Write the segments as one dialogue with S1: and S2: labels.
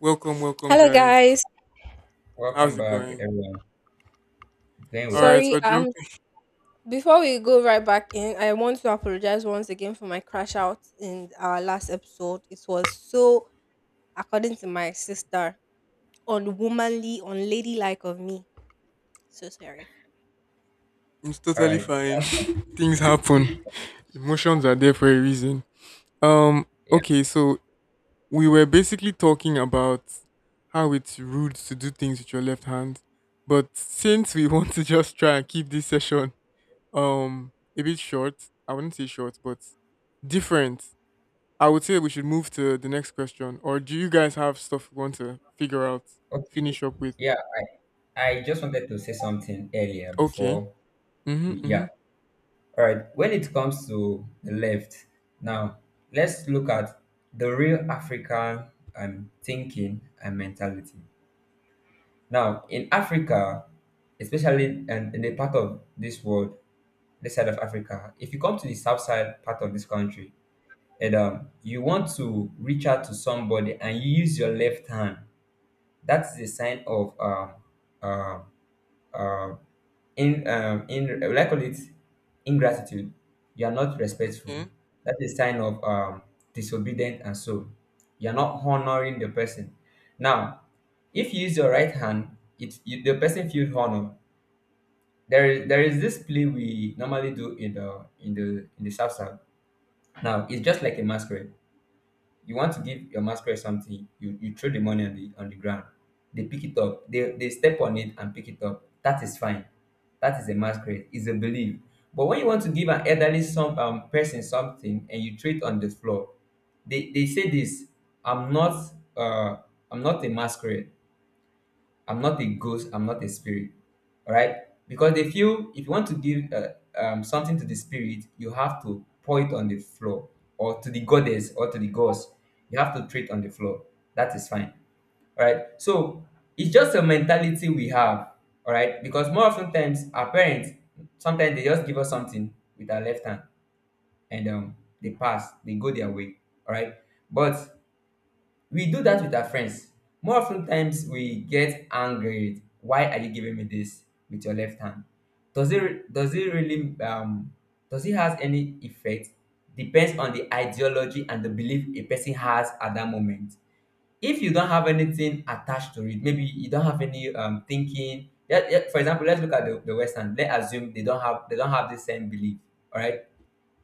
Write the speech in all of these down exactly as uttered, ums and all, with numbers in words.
S1: Welcome, welcome,
S2: Hello,
S1: guys.
S2: guys.
S1: How's
S3: Welcome
S1: it
S3: back,
S1: going?
S3: everyone. Doing
S1: All
S3: well.
S1: right, we're
S2: Sorry, um,
S1: jumping.
S2: before we go right back in, I want to apologize once again for my crash out in our last episode. It was so, according to my sister, unwomanly, unladylike of me. So sorry.
S1: It's
S3: All
S1: totally
S3: right,
S1: fine.
S3: that's fine.
S1: Things happen. Emotions are there for a reason. Um.
S3: Yeah.
S1: Okay, so we were basically talking about how it's rude to do things with your left hand, but since we want to just try and keep this session um a bit short, I wouldn't say short, but different. I would say we should move to the next question. Or do you guys have stuff you want to figure out,
S3: Okay.
S1: finish up with?
S3: Yeah, I, I just wanted to say something earlier
S1: Okay.
S3: before we,
S1: Mm-hmm,
S3: yeah. All right. When it comes to the left, now let's look at the real African um thinking and mentality. Now in Africa, especially and in the part of this world, this side of Africa, if you come to the south side part of this country, and um, you want to reach out to somebody and you use your left hand, that is a sign of um, uh, uh, in um, in will I call it ingratitude, you are not respectful.
S1: mm-hmm.
S3: That is a sign of um, disobedient, and so you are not honoring the person. Now if you use your right hand, it you, the person feels honor. There is there is this play we normally do in the in the in the South South. Now it's just like a masquerade. You want to give your masquerade something, you, you throw the money on the on the ground. They pick it up. They they step on it and pick it up. That is fine. That is a masquerade. It's a belief. But when you want to give an elderly some um, person something and you throw it on the floor, they, they say this. I'm not uh I'm not a masquerade. I'm not a ghost. I'm not a spirit. All right. Because they feel if you want to give uh, um, something to the spirit, you have to pour it on the floor, or to the goddess or to the gods. You have to treat on the floor. That is fine. All right. So it's just a mentality we have. All right. Because more often times, our parents, sometimes they just give us something with our left hand, and um, they pass, they go their way. All right. But we do that with our friends. More often times we get angry with, why are you giving me this with your left hand? Does it does it really um does it has any effect? Depends on the ideology and the belief a person has at that moment. If you don't have anything attached to it, maybe you don't have any um thinking. Yeah, yeah, for example, let's look at the, the Western. Let's assume they don't have they don't have the same belief. All right.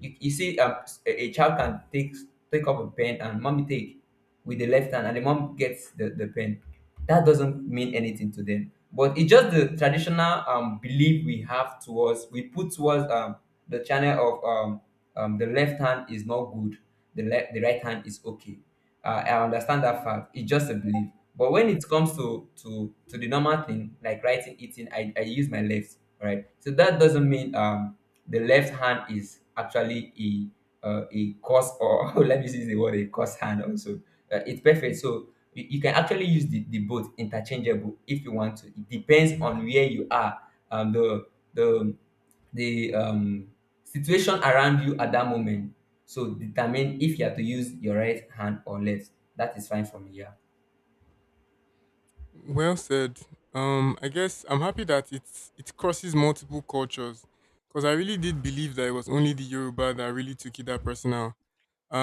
S3: You, you see, um, a, a child can take take up a pen and mommy take with the left hand, and the mom gets the, the pen. That doesn't mean anything to them. But it's just the traditional um, belief we have towards we put towards um, the channel of um, um, the left hand is not good, the left the right hand is okay. Uh, I understand that fact. It's just a belief. But when it comes to to to the normal thing like writing, eating, I, I use my left, right? So that doesn't mean um the left hand is actually a uh, a course, or let me use the word, a course hand also. Uh, it's perfect, so you, you can actually use the, the both interchangeable if you want to. It depends on where you are, um the the the um situation around you at that moment, so determine if you are to use your right hand or left. That is fine for me. Yeah.
S1: Well said. Um, I guess I'm happy that it's it crosses multiple cultures, because I really did believe that it was only the Yoruba that really took it that personal.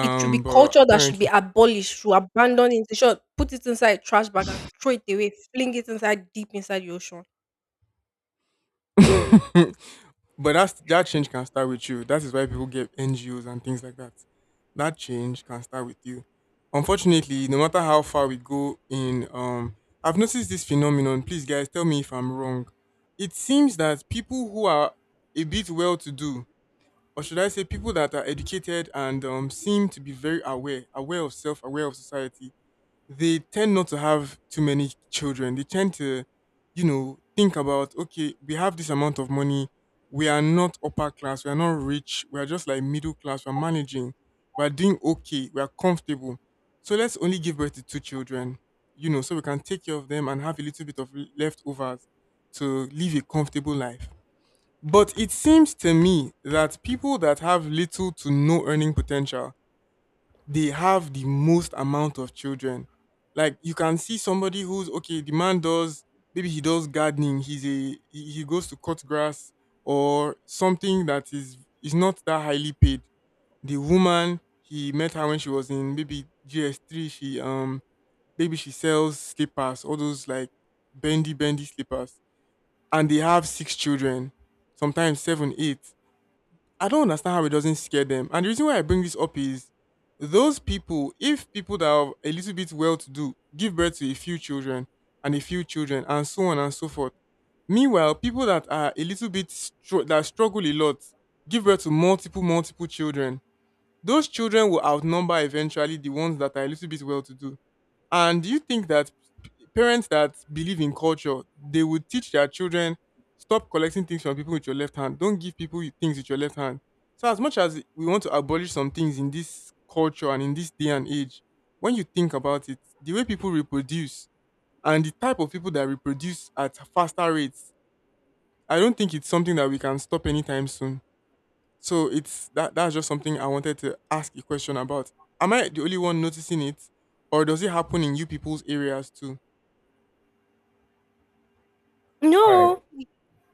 S2: It should be
S1: But
S2: culture that should be
S1: apparently,
S2: abolished, should abandon it, the short, put it inside trash bag and throw it away, fling it inside deep inside the ocean.
S1: but that's that change can start with you. That is why people get N G Os and things like that. That change can start with you. Unfortunately, no matter how far we go in, um, I've noticed this phenomenon. Please, guys, tell me if I'm wrong. It seems that people who are a bit well-to-do, or should I say people that are educated and um, seem to be very aware, aware of self, aware of society. They tend not to have too many children. They tend to, you know, think about, okay, we have this amount of money. We are not upper class. We are not rich. We are just like middle class. We're managing. We're doing okay. We are comfortable. So let's only give birth to two children, you know, so we can take care of them and have a little bit of leftovers to live a comfortable life. But it seems to me that people that have little to no earning potential, they have the most amount of children. Like you can see somebody who's okay, the man does, maybe he does gardening, he's a he he goes to cut grass or something that is is not that highly paid. The woman, he met her when she was in maybe G S three. She um maybe she sells slippers, all those like bendy bendy slippers, and they have six children, sometimes seven, eight. I don't understand how it doesn't scare them. And the reason why I bring this up is, those people, if people that are a little bit well to do give birth to a few children and a few children and so on and so forth. Meanwhile, people that are a little bit str- that struggle a lot give birth to multiple, multiple children. Those children will outnumber eventually the ones that are a little bit well to do. And do you think that parents that believe in culture, they would teach their children, stop collecting things from people with your left hand. Don't give people with- things with your left hand. So as much as we want to abolish some things in this culture and in this day and age, when you think about it, the way people reproduce and the type of people that reproduce at faster rates, I don't think it's something that we can stop anytime soon. So it's that that's just something I wanted to ask a question about. Am I the only one noticing it? Or does it happen in you people's areas too?
S3: All right.
S2: No.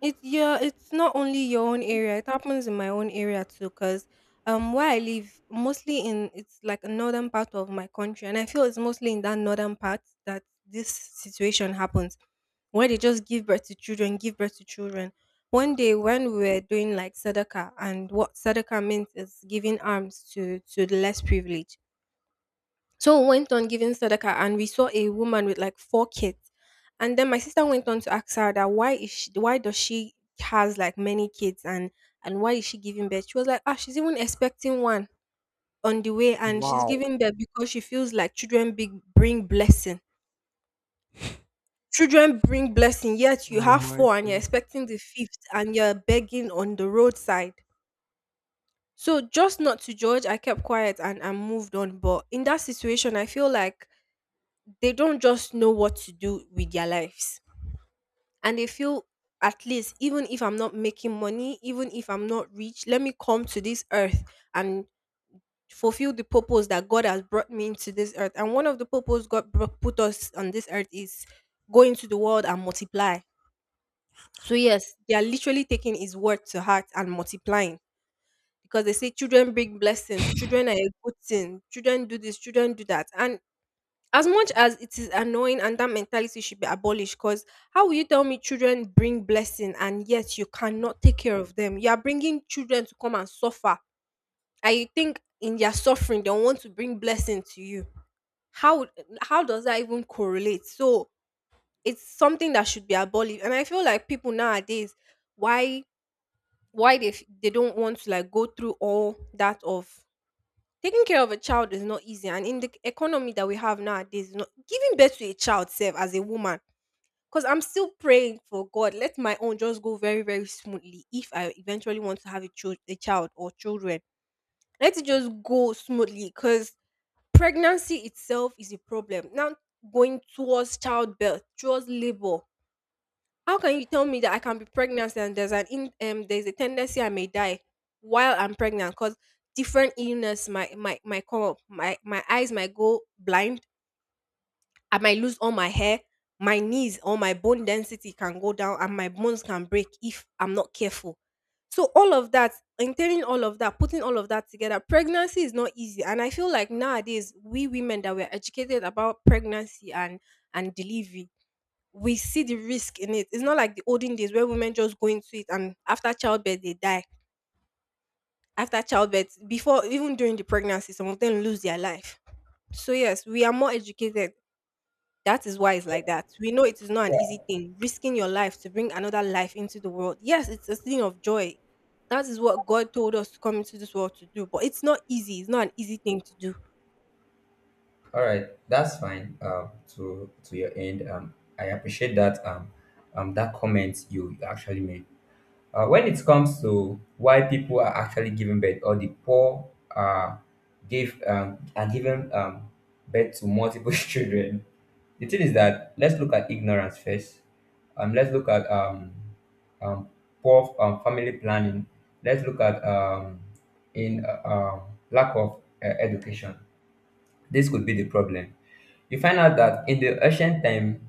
S2: It's Yeah, it's not only your own area. It happens in my own area too, cause um where I live, mostly in it's like a northern part of my country, and I feel it's mostly in that northern part that this situation happens, where they just give birth to children, give birth to children. One day when we were doing like sadaka, and what sadaka means is giving arms to to the less privileged, so we went on giving sadaka and we saw a woman with like four kids. And then my sister went on to ask her that why is she, why does she has like many kids and and why is she giving birth? She was like, ah, she's even expecting one on the way and she's
S1: Wow.
S2: giving birth because she feels like children big bring blessing. Children bring blessing, yet you
S1: Oh
S2: have
S1: my
S2: four and you're
S1: god.
S2: expecting the fifth and you're begging on the roadside. So just not to judge, I kept quiet and I moved on. But in that situation, I feel like they don't just know what to do with their lives, and they feel at least even if I'm not making money, even if I'm not rich, let me come to this earth and fulfill the purpose that God has brought me into this earth, and one of the purpose god bro- put us on this earth is go into the world and multiply. So yes, they are literally taking his word to heart and multiplying because they say children bring blessing, children are a good thing, children do this, children do that. And as much as it is annoying, and that mentality should be abolished, because how will you tell me children bring blessing and yet you cannot take care of them? You are bringing children to come and suffer. I think in their suffering they want to bring blessing to you. How how does that even correlate? So it's something that should be abolished, and I feel like people nowadays, why why they f- they don't want to like go through all that of taking care of a child is not easy, and in the economy that we have nowadays, not, giving birth to a child self as a woman, because I'm still praying for God, let my own just go very, very smoothly if I eventually want to have a, child, a child or children. Let it just go smoothly, because pregnancy itself is a problem. Now, going towards childbirth, towards labor, how can you tell me that I can be pregnant and there's an in, um there's a tendency I may die while I'm pregnant? Because different illness might might might come up. My my eyes might go blind. I might lose all my hair. My knees or my bone density can go down, and my bones can break if I'm not careful. So all of that, entailing all of that, putting all of that together, pregnancy is not easy. And I feel like nowadays we women that we're educated about pregnancy and and delivery, we see the risk in it. It's not like the olden days where women just go into it and after childbirth they die. After childbirth, before even during the pregnancy, some of them lose their life. So yes, we are more educated. That is why it's like that. We know it is not an
S3: Yeah.
S2: easy thing. Risking your life to bring another life into the world. Yes, it's a thing of joy. That is what God told us to come into this world to do. But it's not easy. It's not an easy thing to do.
S3: All right. That's fine. um to to your end, um I appreciate that. Um um that comment you actually made. Uh, when it comes to why people are actually giving birth, or the poor uh, give um, are given um, birth to multiple children, the thing is that let's look at ignorance first. Um, let's look at um, um, poor um, family planning. Let's look at um, in uh, um, lack of uh, education. This could be the problem. You find out that in the ancient time,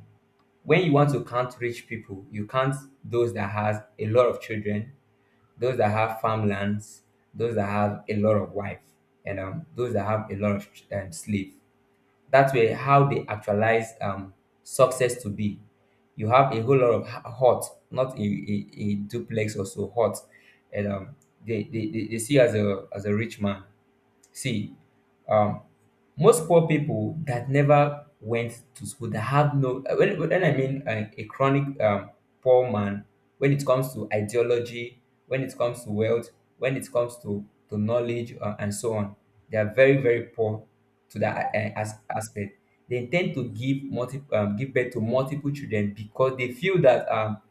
S3: when you want to count rich people, you count those that has a lot of children, those that have farmlands, those that have a lot of wife, and um, those that have a lot of um, slave. That way, how they actualize um, success to be. You have a whole lot of h- hut, not a, a, a duplex or so hut, and um, they, they, they they see you as a as a rich man. See, um, most poor people that never went to school, that have no, uh, when, when I mean uh, a chronic um, poor man, when it comes to ideology, when it comes to wealth, when it comes to, to knowledge, uh, and so on, they are very, very poor to that uh, as, aspect. They tend to give multi, um, give birth to multiple children because they feel that um,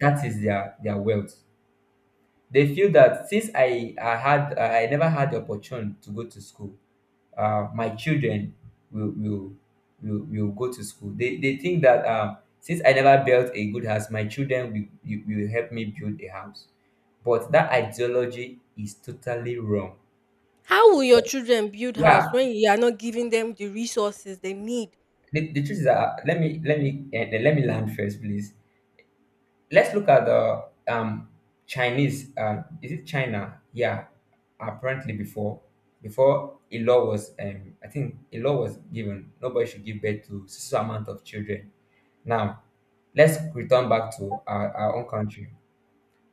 S3: that is their, their wealth. They feel that since I, I had I never had the opportunity to go to school, uh, my children will will will will go to school. They they think that um, since I never built a good house, my children will, will will help me build a house. But that ideology is totally wrong.
S2: How will your children build
S3: Yeah,
S2: house when you are not giving them the resources they need?
S3: the, the truth is that, uh, let me let me, eh, let me land first, please. Let's look at the um Chinese, uh, is it China? Yeah, apparently before, before a law was, um I think a law was given, nobody should give birth to so so amount of children. Now let's return back to our, our own country.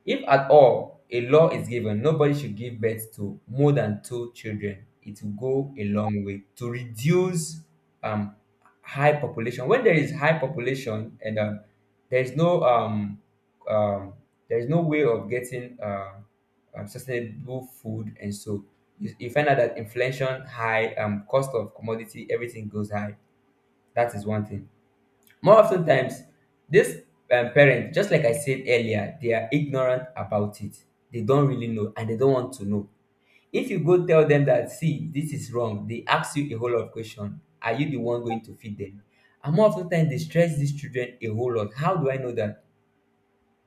S3: If at all a law is given, nobody should give birth to more than two children. It will go a long way to reduce um, high population. When there is high population and um, there is no um, um, there is no way of getting uh, um, sustainable food, and so you, you find out that inflation high, um, cost of commodity, everything goes high. That is one thing. More often times, these um, parents, just like I said earlier, they are ignorant about it. They don't really know and they don't want to know. If you go tell them that, see, this is wrong, they ask you a whole lot of questions. Are you the one going to feed them? And more often times, they stress these children a whole lot. How do I know that?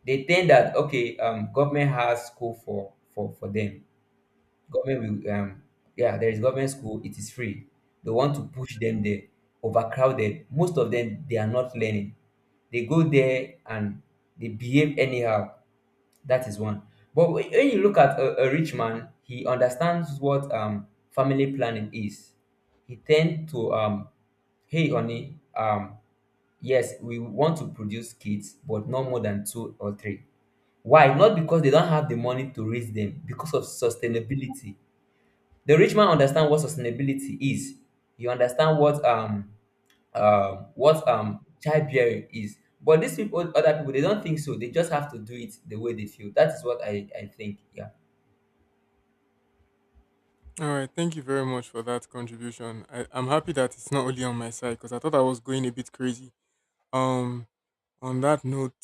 S3: They think that, okay, um, government has school for, for, for them. Government will, um, yeah, there is government school. It is free. They want to push them there. Overcrowded. Most of them, they are not learning. They go there and they behave anyhow. That is one. But when when you look at a, a rich man, he understands what um family planning is. He tend to, um, hey honey, um, yes, we want to produce kids, but not more than two or three. Why? Not because they don't have the money to raise them, because of sustainability. The rich man understand what sustainability is. You understand what um um what um childbearing is, but these people, other people, they don't think so. They just have to do it the way they feel. That is what i i think. Yeah.
S1: All right, thank you very much for that contribution. I, I'm happy that it's not only on my side because I thought I was going a bit crazy. Um, on that note,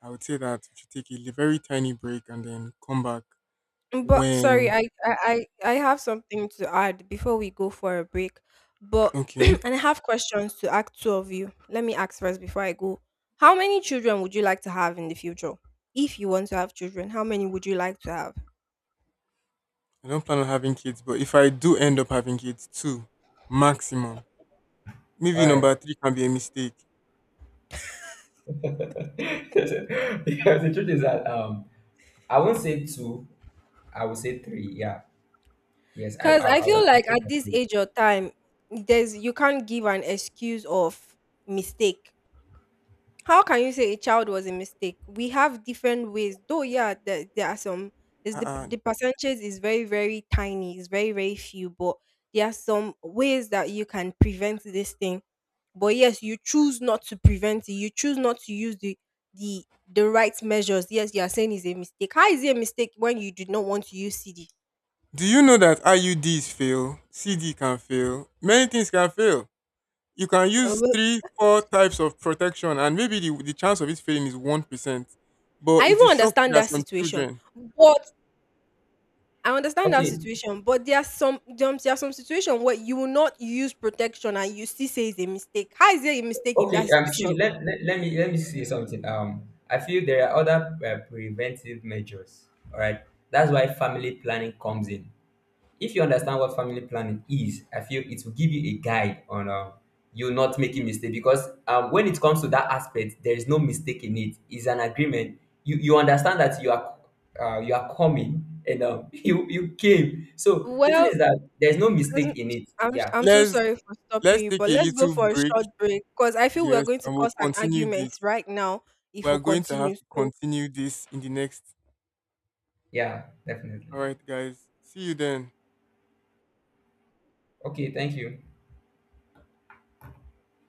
S1: I would say that we should take a li- very tiny break and then come back
S2: But sorry,
S1: when.
S2: I, I I I have something to add before we go for a break. But
S1: Okay,
S2: and I have questions to ask two of you. Let me ask first before I go. How many children would you like to have in the future? If you want to have children, how many would you like to have?
S1: I don't plan on having kids, but if I do end up having kids, two maximum.
S3: All
S1: Maybe
S3: right.
S1: number three can be a mistake.
S3: Because the truth is that, um I won't say two, I will say three. Yeah, yes, i
S2: Cause
S3: i,
S2: I
S3: I
S2: feel like at this
S3: will.
S2: age or time, there's you can't give an excuse of mistake. How can you say a child was a mistake? We have different ways, though. Yeah, there, there are some. Is the
S1: Uh-uh.
S2: the percentage is very, very tiny. It's very, very few, but there are some ways that you can prevent this thing. But yes, you choose not to prevent it. You choose not to use the the the right measures. Yes, you are saying it's a mistake. How is it a mistake when you did not want to use C D?
S1: Do you know that I U Ds fail? C D can fail. Many things can fail. You can
S2: Uh, well,
S1: use
S2: well,
S1: three, four types of protection, and maybe the, the chance of it failing is one percent. But
S2: I
S1: it
S2: even
S1: will shock you
S2: understand
S1: that
S2: that
S1: some
S2: situation,
S1: children.
S2: but I understand that
S3: Okay.
S2: situation, but there are some there are there are some situation where you will not use protection and you still say it's a mistake. How is it a mistake in
S3: Okay,
S2: that
S3: um, see,
S2: situation?
S3: let, let, let me let me see something. Um, I feel there are other uh, preventive measures. All right, that's why family planning comes in. If you understand what family planning is, I feel it will give you a guide on um, you not making mistake, because um, when it comes to that aspect, there is no mistake in it. It's an agreement. You you understand that you are uh, you are coming and, um, you you came. So the thing
S2: Well,
S3: is that there's no
S2: I'm
S3: mistake in it.
S2: I'm
S3: Yeah,
S2: I'm so
S1: Let's
S2: sorry for stopping
S1: let's
S2: you,
S1: take
S2: but
S1: a
S2: let's go
S1: little
S2: for a
S1: break.
S2: short break because I feel we are
S1: Yes,
S2: going to
S1: and we'll
S2: cause an
S1: continue
S2: argument
S1: this.
S2: right now
S1: We
S2: if
S1: are
S2: we
S1: going to have
S2: continue.
S1: to
S2: So
S1: continue this in the next.
S3: yeah,
S1: All
S3: definitely.
S1: right, guys. See you then.
S3: Okay, thank you.